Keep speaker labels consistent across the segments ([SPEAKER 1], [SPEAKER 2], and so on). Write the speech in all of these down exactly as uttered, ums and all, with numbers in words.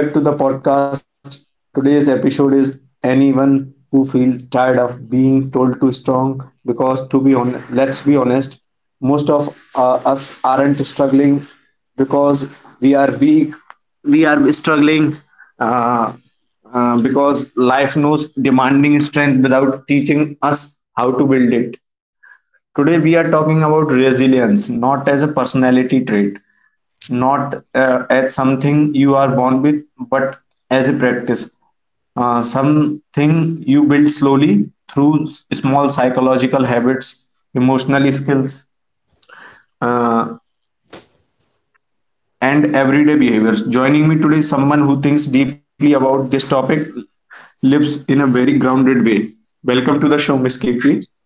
[SPEAKER 1] Welcome back to the podcast. Today's episode is anyone who feels tired of being told to strong because to be on let's be honest, most of uh, us aren't struggling because we are weak. We are struggling uh, uh, because life knows demanding strength without teaching us how to build it. Today we are talking about resilience, not as a personality trait, not uh, as something you are born with, but as a practice, uh, something you build slowly through s- small psychological habits, emotional skills, uh, and everyday behaviors. Joining me today is someone who thinks deeply about this topic, lives in a very grounded way. Welcome to the show, Miss Kirti.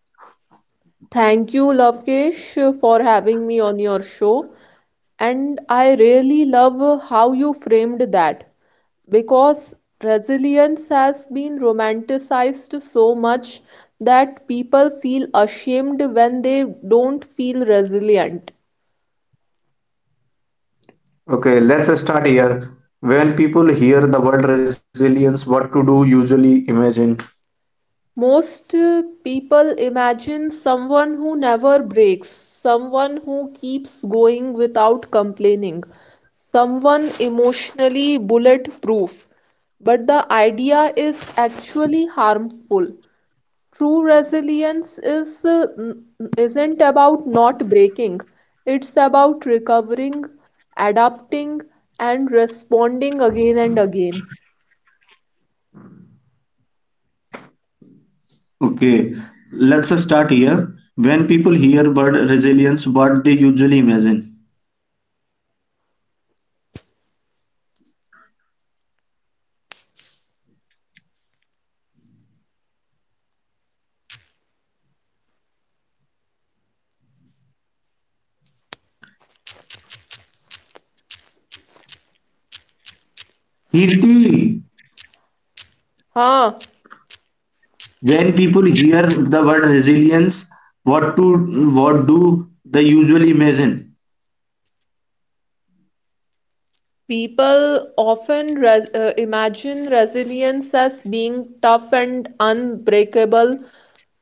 [SPEAKER 2] Thank you, Lavkesh, for having me on your show. And I really love how you framed that because resilience has been romanticized so much that people feel ashamed when they don't feel resilient.
[SPEAKER 1] Okay, let's start here. When people hear the word resilience, what to do usually imagine?
[SPEAKER 2] Most uh, people imagine someone who never breaks, someone who keeps going without complaining, someone emotionally bulletproof. But the idea is actually harmful. True resilience is uh, n- isn't about not breaking. It's about recovering, adapting, and responding again and again.
[SPEAKER 1] Okay, let's start here. When people hear word resilience, what they usually imagine? Kirti,
[SPEAKER 2] Huh.
[SPEAKER 1] when people hear the word resilience, what to what do they usually imagine?
[SPEAKER 2] People often res uh, imagine resilience as being tough and unbreakable,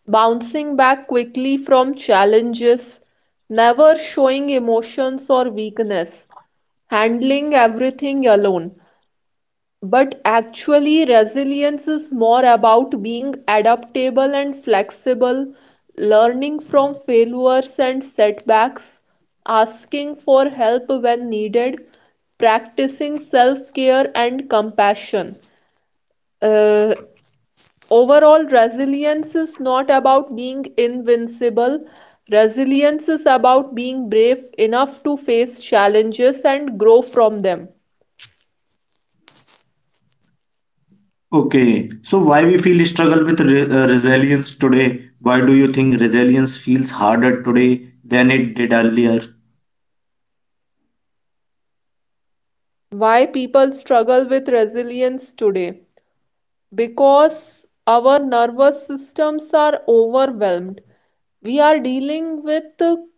[SPEAKER 2] bouncing back quickly from challenges, never showing emotions or weakness, handling everything alone. But actually, resilience is more about being adaptable and flexible, learning from failures and setbacks, asking for help when needed, practicing self-care and compassion. Uh, Overall, resilience is not about being invincible. Resilience is about being brave enough to face challenges and grow from them.
[SPEAKER 1] Okay, so why we feel struggle with re uh, resilience today? Why do you think resilience feels harder today than it did earlier?
[SPEAKER 2] Why people struggle with resilience today, because our nervous systems are overwhelmed. We are dealing with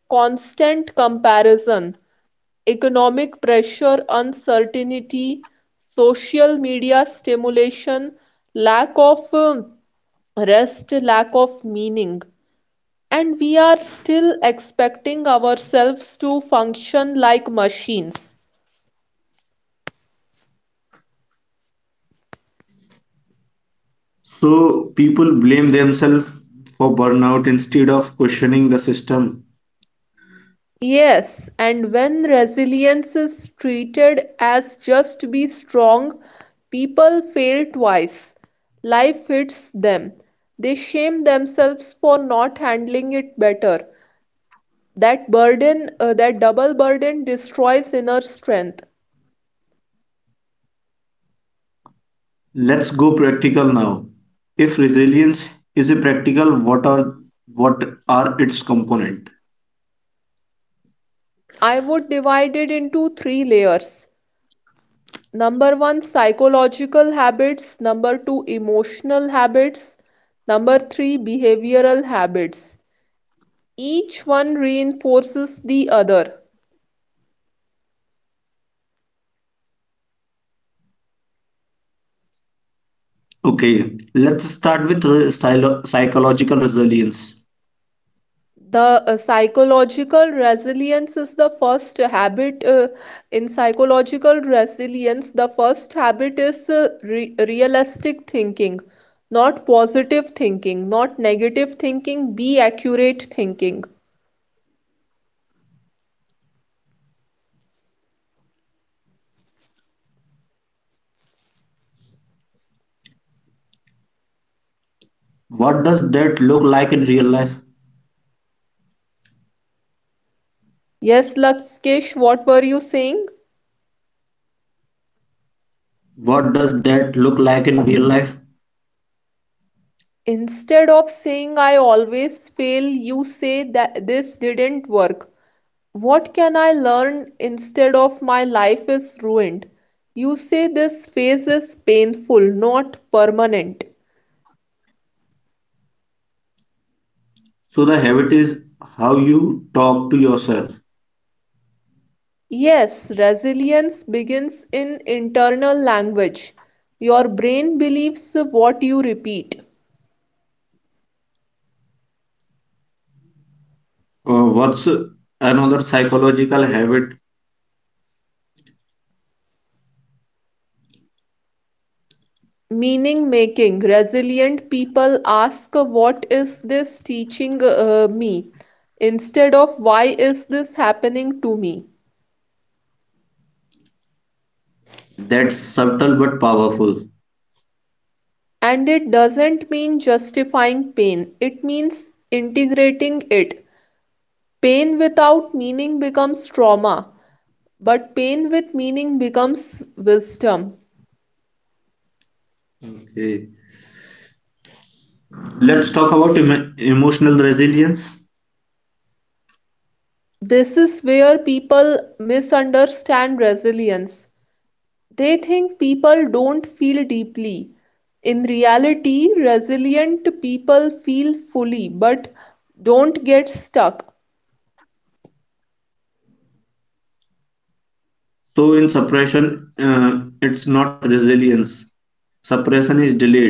[SPEAKER 2] constant comparison, economic pressure, uncertainty, social media stimulation, lack of um, rest, lack of meaning, and we are still expecting ourselves to function like machines.
[SPEAKER 1] So people blame themselves for burnout instead of questioning the system.
[SPEAKER 2] Yes, and when resilience is treated as just be strong, people fail twice. Life hits them. They shame themselves for not handling it better. That burden, uh, that double burden destroys inner strength.
[SPEAKER 1] Let's go practical now. If resilience is a practical, what are what are its component?
[SPEAKER 2] I would divide it into three layers. Number one, psychological habits. Number two, emotional habits. Number three, behavioral habits. Each one reinforces the other.
[SPEAKER 1] Okay, let's start with re- psylo- psychological resilience.
[SPEAKER 2] The uh, psychological resilience is the first habit. Uh, in psychological resilience, the first habit is uh, re- realistic thinking, not positive thinking, not negative thinking, be accurate thinking.
[SPEAKER 1] What does that look like in real life?
[SPEAKER 2] Yes, Lakshkesh, what were you saying?
[SPEAKER 1] What does that look like in real life?
[SPEAKER 2] Instead of saying I always fail, you say that this didn't work. What can I learn instead of my life is ruined? You say this phase is painful, not permanent.
[SPEAKER 1] So the habit is how you talk to yourself.
[SPEAKER 2] Yes, resilience begins in internal language. Your brain believes what you repeat.
[SPEAKER 1] Uh, what's another psychological habit
[SPEAKER 2] Meaning making. Resilient people ask, "What is this teaching uh, me?" instead of, "Why is this happening to me?"
[SPEAKER 1] that's subtle but powerful?
[SPEAKER 2] And it doesn't mean justifying pain, it means integrating it. Pain without meaning becomes trauma, but pain with meaning becomes wisdom.
[SPEAKER 1] Okay, let's talk about emo- emotional resilience.
[SPEAKER 2] This is where people misunderstand resilience. They think people don't feel deeply. In reality, resilient people feel fully but don't get stuck.
[SPEAKER 1] So in suppression, uh, it's not resilience. Suppression is delayed.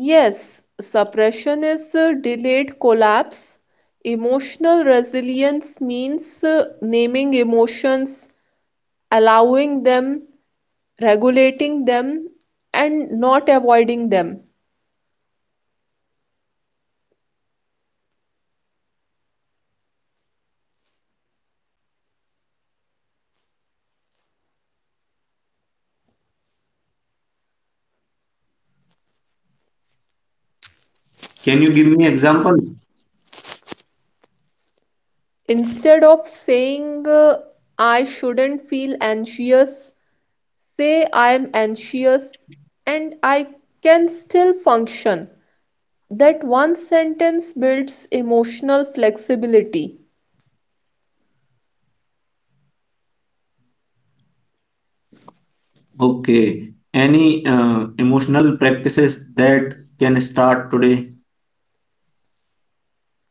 [SPEAKER 2] Yes, suppression is uh, delayed collapse. Emotional resilience means uh, naming emotions, allowing them, regulating them, and not avoiding them.
[SPEAKER 1] Can you give me example? Can you give me example?
[SPEAKER 2] Instead of saying, uh, "I shouldn't feel anxious," say, "I am anxious and I can still function." That one sentence builds emotional flexibility.
[SPEAKER 1] Okay. Any uh, emotional practices that can start today?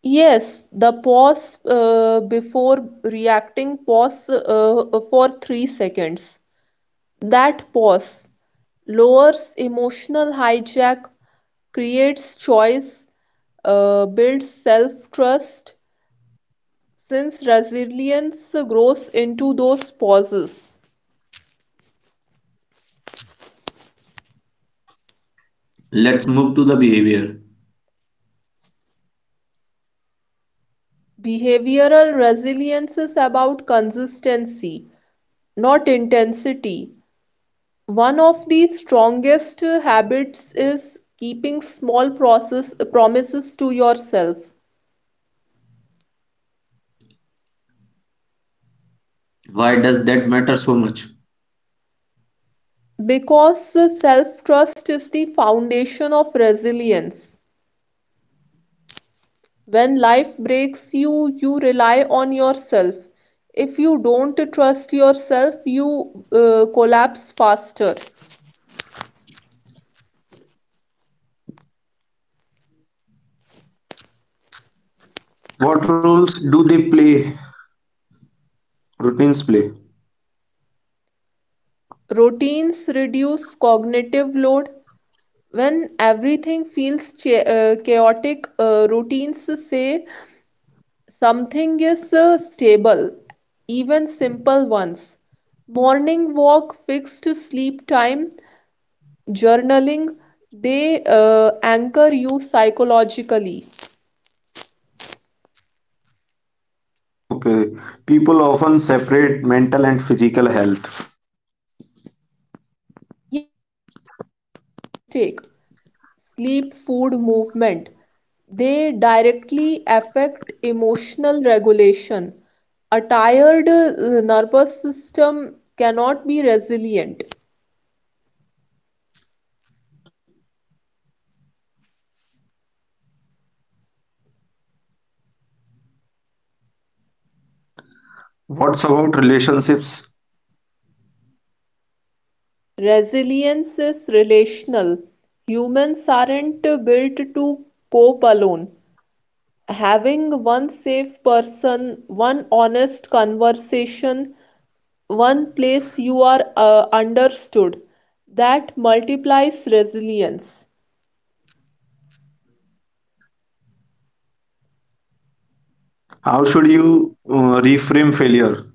[SPEAKER 2] Yes, the pause uh, before reacting, pause uh, for three seconds. That pause lowers emotional hijack, creates choice, uh, builds self-trust, since resilience grows into those pauses.
[SPEAKER 1] Let's move to the behavior.
[SPEAKER 2] Behavioral resilience is about consistency, not intensity. One of the strongest uh, habits is keeping small process promises to yourself,
[SPEAKER 1] Why does that matter so much?
[SPEAKER 2] because uh, self-trust is the foundation of resilience. When life breaks you, you rely on yourself. If you don't trust yourself, you uh, collapse faster.
[SPEAKER 1] What roles do they play? Routines play.
[SPEAKER 2] Routines reduce cognitive load. When everything feels cha- uh, chaotic, uh, routines say something is uh, stable, even simple ones. Morning walk, fixed sleep time, journaling, they uh, anchor you psychologically.
[SPEAKER 1] Okay. People often separate mental and physical health.
[SPEAKER 2] Yes, and that's a mistake. Sleep, food, movement, they directly affect emotional regulation. A tired uh, nervous system cannot be resilient.
[SPEAKER 1] What's about relationships?
[SPEAKER 2] Resilience is relational. Humans aren't built to cope alone. Having one safe person, one honest conversation, one place you are uh, understood, that multiplies resilience.
[SPEAKER 1] How should you uh, reframe failure?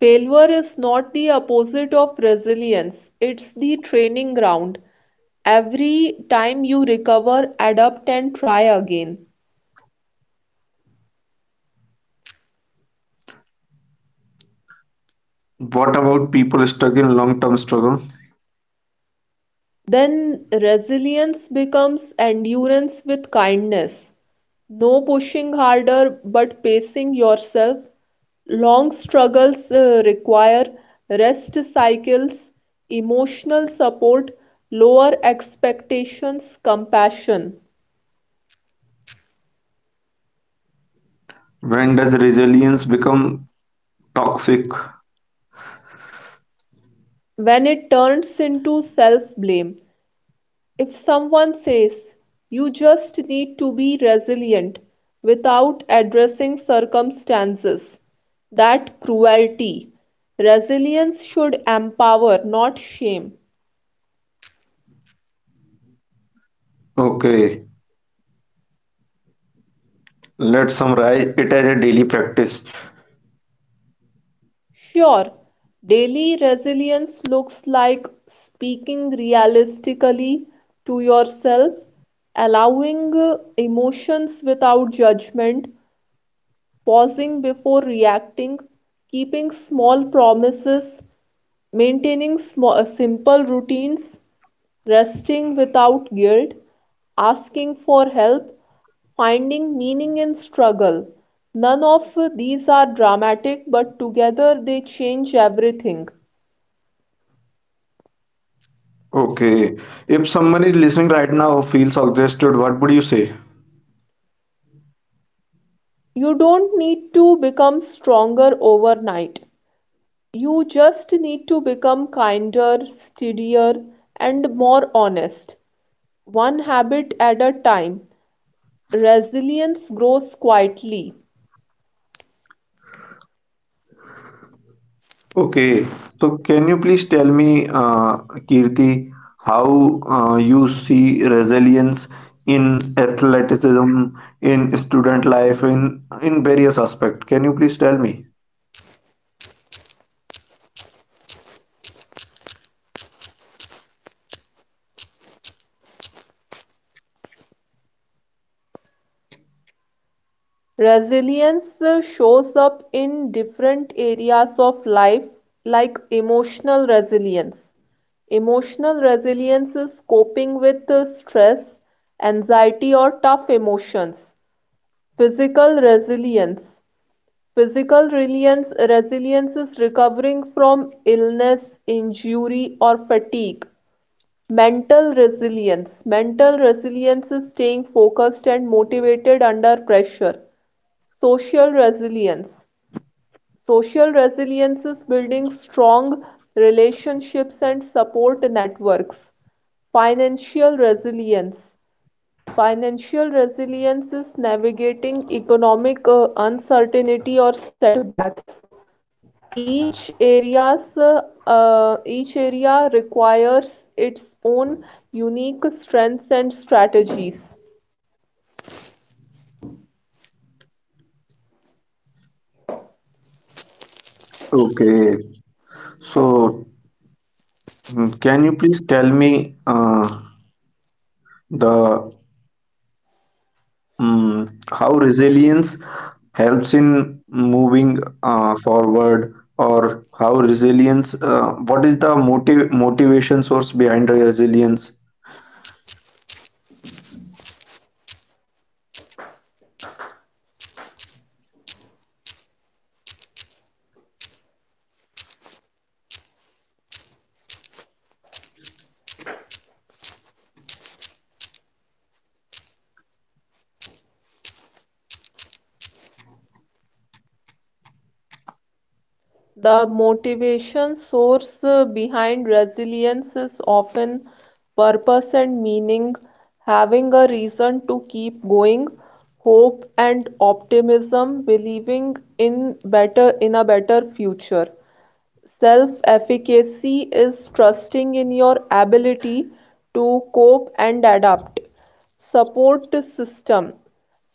[SPEAKER 2] Failure is not the opposite of resilience, it's the training ground. Every time you recover, adapt, and try again.
[SPEAKER 1] What about people stuck in long-term struggle?
[SPEAKER 2] Then resilience becomes endurance with kindness. No pushing harder, but pacing yourself. Long struggles uh, require rest cycles, emotional support, lower expectations, compassion.
[SPEAKER 1] When does resilience become toxic?
[SPEAKER 2] When it turns into self blame. If someone says, "You just need to be resilient" without addressing circumstances, that cruelty. Resilience should empower, not shame.
[SPEAKER 1] Okay, let's summarize it as a daily practice.
[SPEAKER 2] Sure, daily resilience looks like speaking realistically to yourself, allowing uh, emotions without judgment, pausing before reacting, keeping small promises, maintaining small, uh, simple routines, resting without guilt, asking for help, finding meaning in struggle. None of these are dramatic, but together they change everything.
[SPEAKER 1] Okay, if someone is listening right now who feels exhausted, what would you say?
[SPEAKER 2] You don't need to become stronger overnight. You just need to become kinder, steadier, and more honest. One habit at a time. Resilience grows quietly.
[SPEAKER 1] Okay, so can you please tell me, uh, Kirti, how uh, you see resilience in athleticism, in student life, in in various aspects? Can you please tell me?
[SPEAKER 2] Resilience uh, shows up in different areas of life, like emotional resilience. Emotional resilience is coping with uh, stress, anxiety, or tough emotions. Physical resilience. Physical resilience. Resilience is recovering from illness, injury, or fatigue. Mental resilience. Mental resilience is staying focused and motivated under pressure. Social resilience. Social resilience is building strong relationships and support networks. Financial resilience. Financial resilience is navigating economic uh, uncertainty or setbacks. Each area's uh, uh, each area requires its own unique strengths and strategies.
[SPEAKER 1] Okay, so Mm, can you please tell me uh, the um, how resilience helps in moving uh, forward, or how resilience? Uh, what is the motiv motivation source behind resilience?
[SPEAKER 2] The motivation source uh, behind resilience is often purpose and meaning, having a reason to keep going, hope and optimism, believing in better in a better future. Self-efficacy is trusting in your ability to cope and adapt. Support system.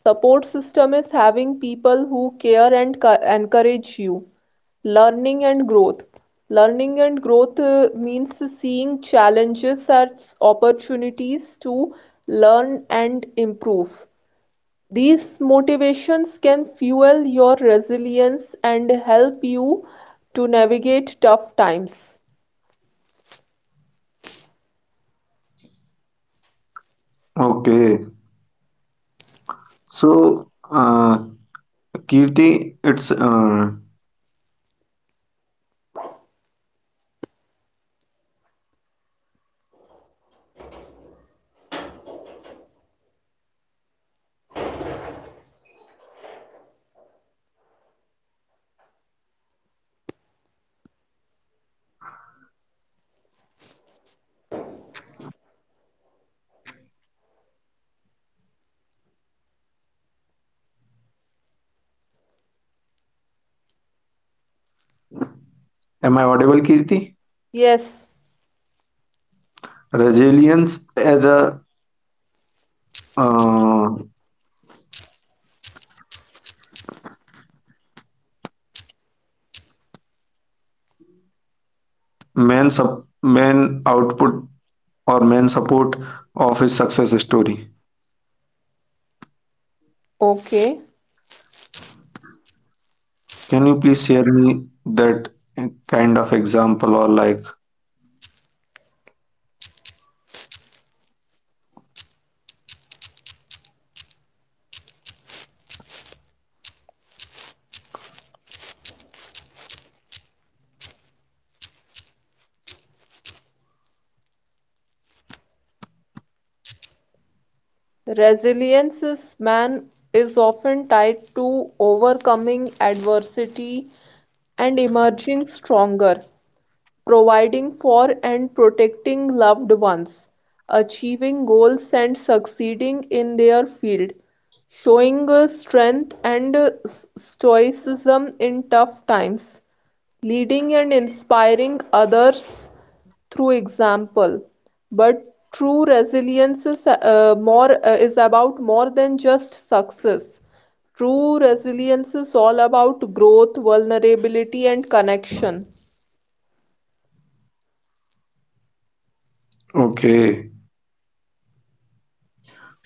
[SPEAKER 2] Support system is having people who care and encourage you. Learning and growth. Learning and growth uh, means seeing challenges as opportunities to learn and improve. These motivations can fuel your resilience and help you to navigate tough times.
[SPEAKER 1] Okay, so uh, Kirti, it's uh, it's very uh, deep insights what you are what you are talking. Can you please tell me something about that in which uh, resilience as a main source uh, in its success story? Am I audible, Kirti?
[SPEAKER 2] Yes,
[SPEAKER 1] Resilience as a uh, main sub main output or main support of his success story.
[SPEAKER 2] okay.
[SPEAKER 1] Can you please share me that kind of example or like
[SPEAKER 2] Resilience is man is often tied to overcoming adversity and emerging stronger. Providing for and protecting loved ones, achieving goals and succeeding in their field, showing uh, strength and uh, stoicism in tough times, leading and inspiring others through example, but true resilience is uh, more uh, is about more than just success. True resilience is all about growth, vulnerability, and connection.
[SPEAKER 1] okay.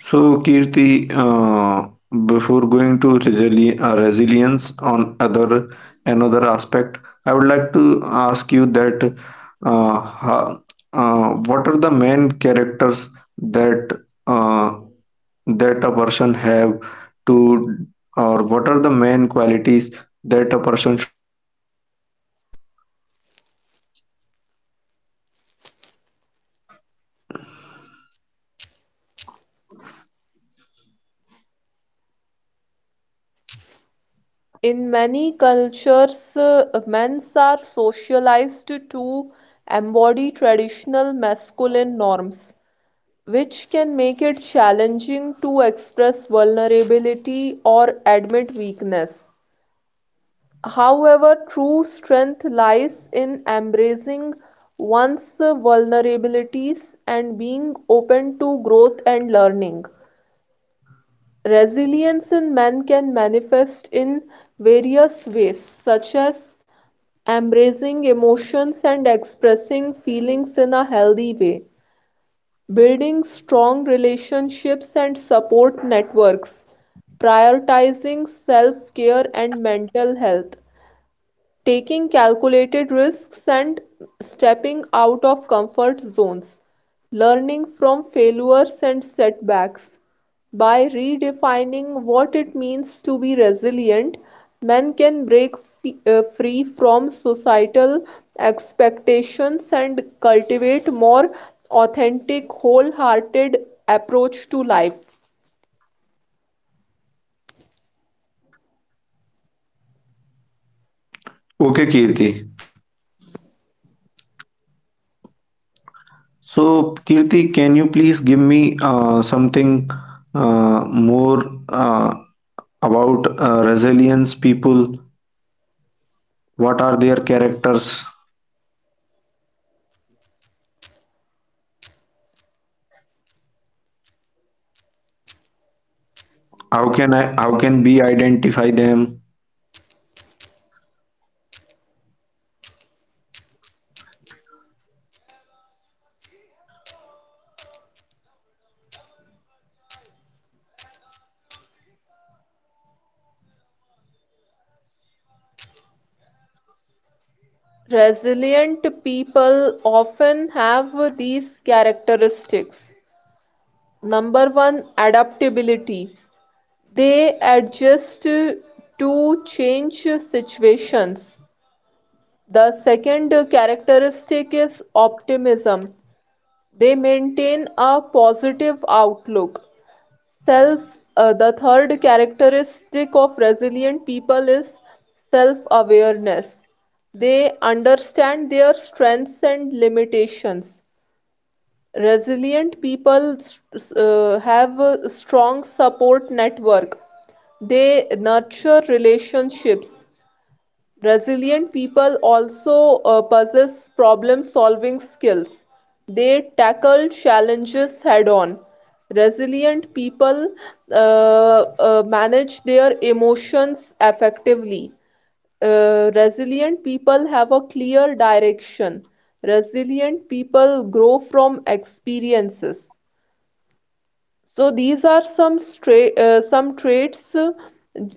[SPEAKER 1] So, Kirti, uh, before going to resili- uh, resilience on other another aspect, I would like to ask you that uh, ho- uh, what are the main characters that uh, that a person have to, or what are the main qualities that a person should have?
[SPEAKER 2] In many cultures, uh, men's are socialized to embody traditional masculine norms, which can make it challenging to express vulnerability or admit weakness. However, true strength lies in embracing one's vulnerabilities and being open to growth and learning. Resilience in men can manifest in various ways, such as embracing emotions and expressing feelings in a healthy way, building strong relationships and support networks, prioritizing self care and mental health, taking calculated risks and stepping out of comfort zones, learning from failures and setbacks. By redefining what it means to be resilient, men can break f- uh, free from societal expectations and cultivate more authentic, wholehearted approach to life.
[SPEAKER 1] Okay, Kirti. So, Kirti, can you please give me uh, something uh, more? Uh, about uh, resilience people, what are their characters, how can i how can we identify them?
[SPEAKER 2] Resilient people often have these characteristics. Number one, adaptability. They adjust to change situations. The second characteristic is optimism. They maintain a positive outlook. Self, uh, the third characteristic of resilient people is self-awareness. They understand their strengths and limitations. Resilient people s- uh, have a strong support network. They nurture relationships. Resilient people also uh, possess problem-solving skills. They tackle challenges head-on. Resilient people uh, uh, manage their emotions effectively. Uh, resilient people have a clear direction. Resilient people grow from experiences. So these are some stra- uh, some traits uh,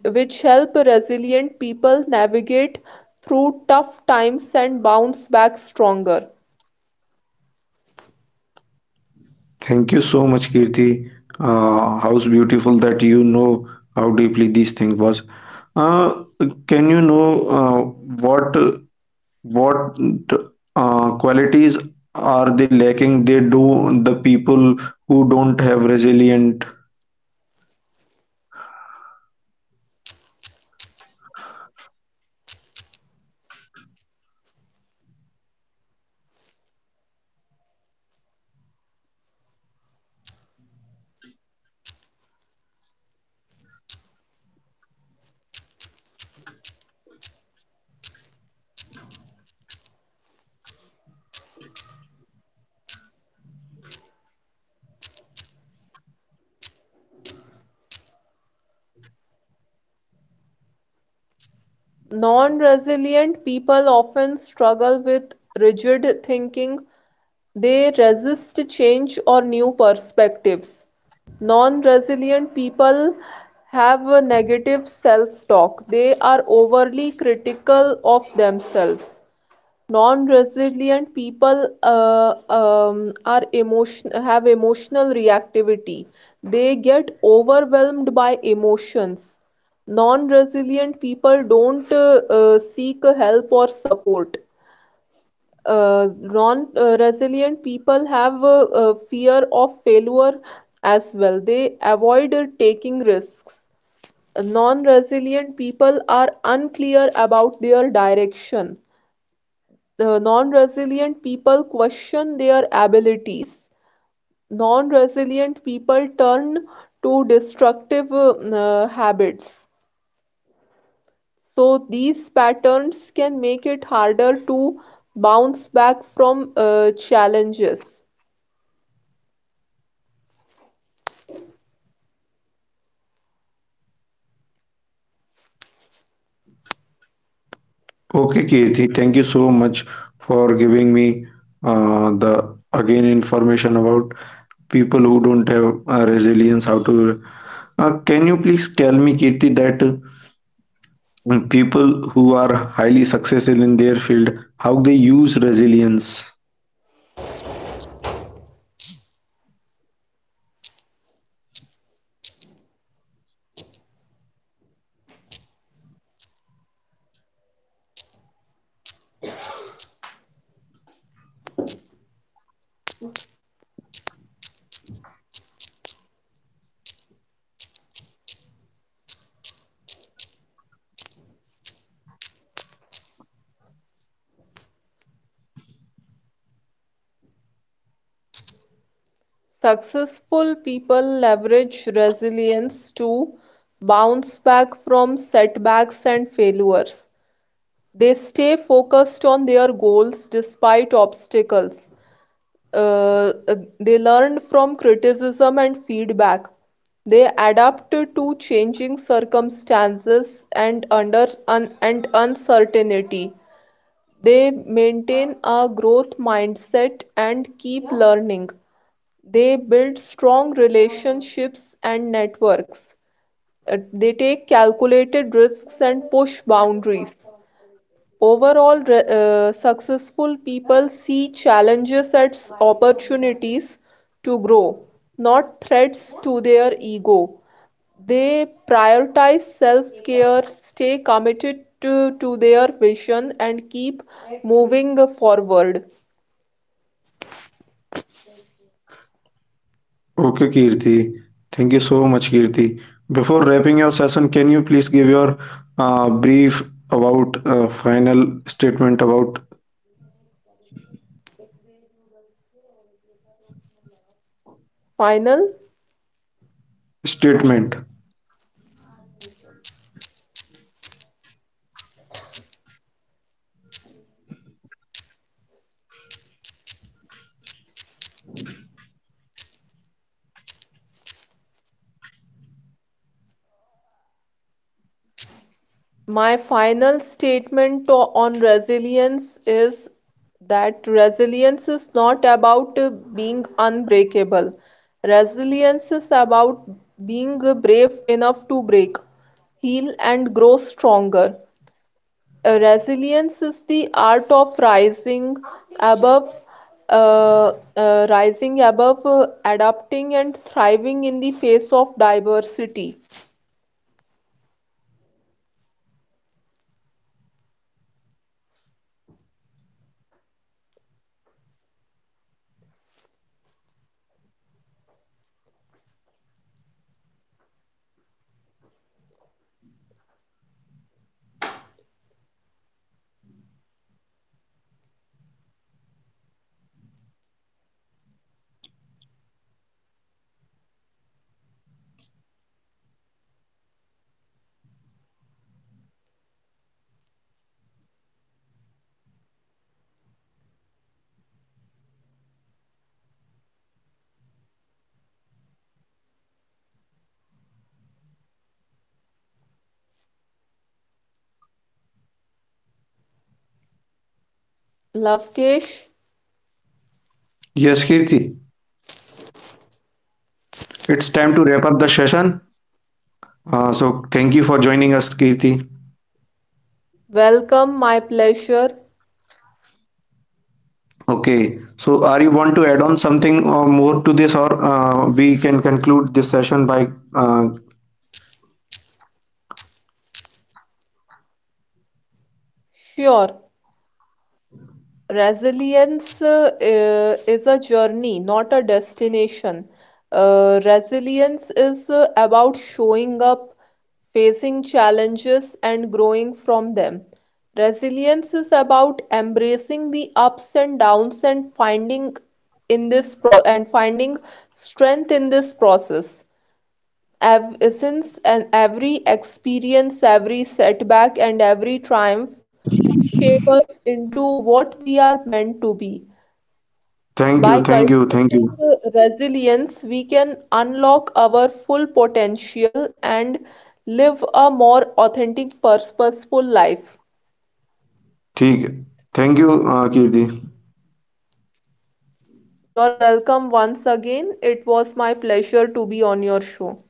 [SPEAKER 2] which help resilient people navigate through tough times and bounce back stronger.
[SPEAKER 1] Thank you so much, Kirti. Uh, how's beautiful that you know how deeply this thing was. uh, can you know uh, what what uh, qualities are they lacking they do the people who don't have resilient?
[SPEAKER 2] Non-resilient people often struggle with rigid thinking. They resist change or new perspectives. Non-resilient people have a negative self-talk. They are overly critical of themselves. Non-resilient people uh, um, are emotion have emotional reactivity. They get overwhelmed by emotions. Non-resilient people don't uh, uh, seek help or support. Uh, non-resilient people have uh, uh, fear of failure as well. They avoid uh, taking risks. Non-resilient people are unclear about their direction. The non-resilient people question their abilities. Non-resilient people turn to destructive uh, uh, habits. So these patterns can make it harder to bounce back from uh, challenges.
[SPEAKER 1] Okay, Kirti, thank you so much for giving me uh, the again information about people who don't have uh, resilience. How to? Uh, can you please tell me, Kirti, that uh, people who are highly successful in their field, how they use resilience?
[SPEAKER 2] Successful people leverage resilience to bounce back from setbacks and failures. They stay focused on their goals despite obstacles. Uh, uh, they learn from criticism and feedback. They adapt to changing circumstances and under un, and uncertainty. They maintain a growth mindset and keep learning. They build strong relationships and networks. Uh, They take calculated risks and push boundaries. Overall, re- uh, successful people see challenges as opportunities to grow, not threats to their ego. They prioritize self-care, stay committed to, to their vision, and keep moving forward.
[SPEAKER 1] Okay, Kirti, thank you so much, Kirti. Before wrapping your session, can you please give your uh, brief about uh, final statement about
[SPEAKER 2] Final.
[SPEAKER 1] statement?
[SPEAKER 2] My final statement to- on resilience is that resilience is not about uh, being unbreakable. Resilience is about being uh, brave enough to break, heal, and grow stronger. Uh, resilience is the art of rising above, uh, uh, rising above, uh, adapting, and thriving in the face of diversity. Lavkesh,
[SPEAKER 1] Yes, Kirti. It's time to wrap up the session. Uh, so thank you for joining us, Kirti.
[SPEAKER 2] welcome, my pleasure.
[SPEAKER 1] Okay, so are you want to add on something or more to this, or uh, we can conclude this session by uh,
[SPEAKER 2] Sure, resilience uh, uh, is a journey, not a destination. Uh, resilience is uh, about showing up, facing challenges, and growing from them. Resilience is about embracing the ups and downs and finding in this pro and finding strength in this process. Ev- Since and every experience, every setback, and every triumph shape us into what we are meant to be.
[SPEAKER 1] thank
[SPEAKER 2] By
[SPEAKER 1] you, thank you, thank
[SPEAKER 2] cultivating
[SPEAKER 1] you.
[SPEAKER 2] uh, resilience, we can unlock our full potential and live a more authentic, purposeful life.
[SPEAKER 1] ठीक है. Thank you, uh, Kirti.
[SPEAKER 2] You're welcome once again. It was my pleasure to be on your show.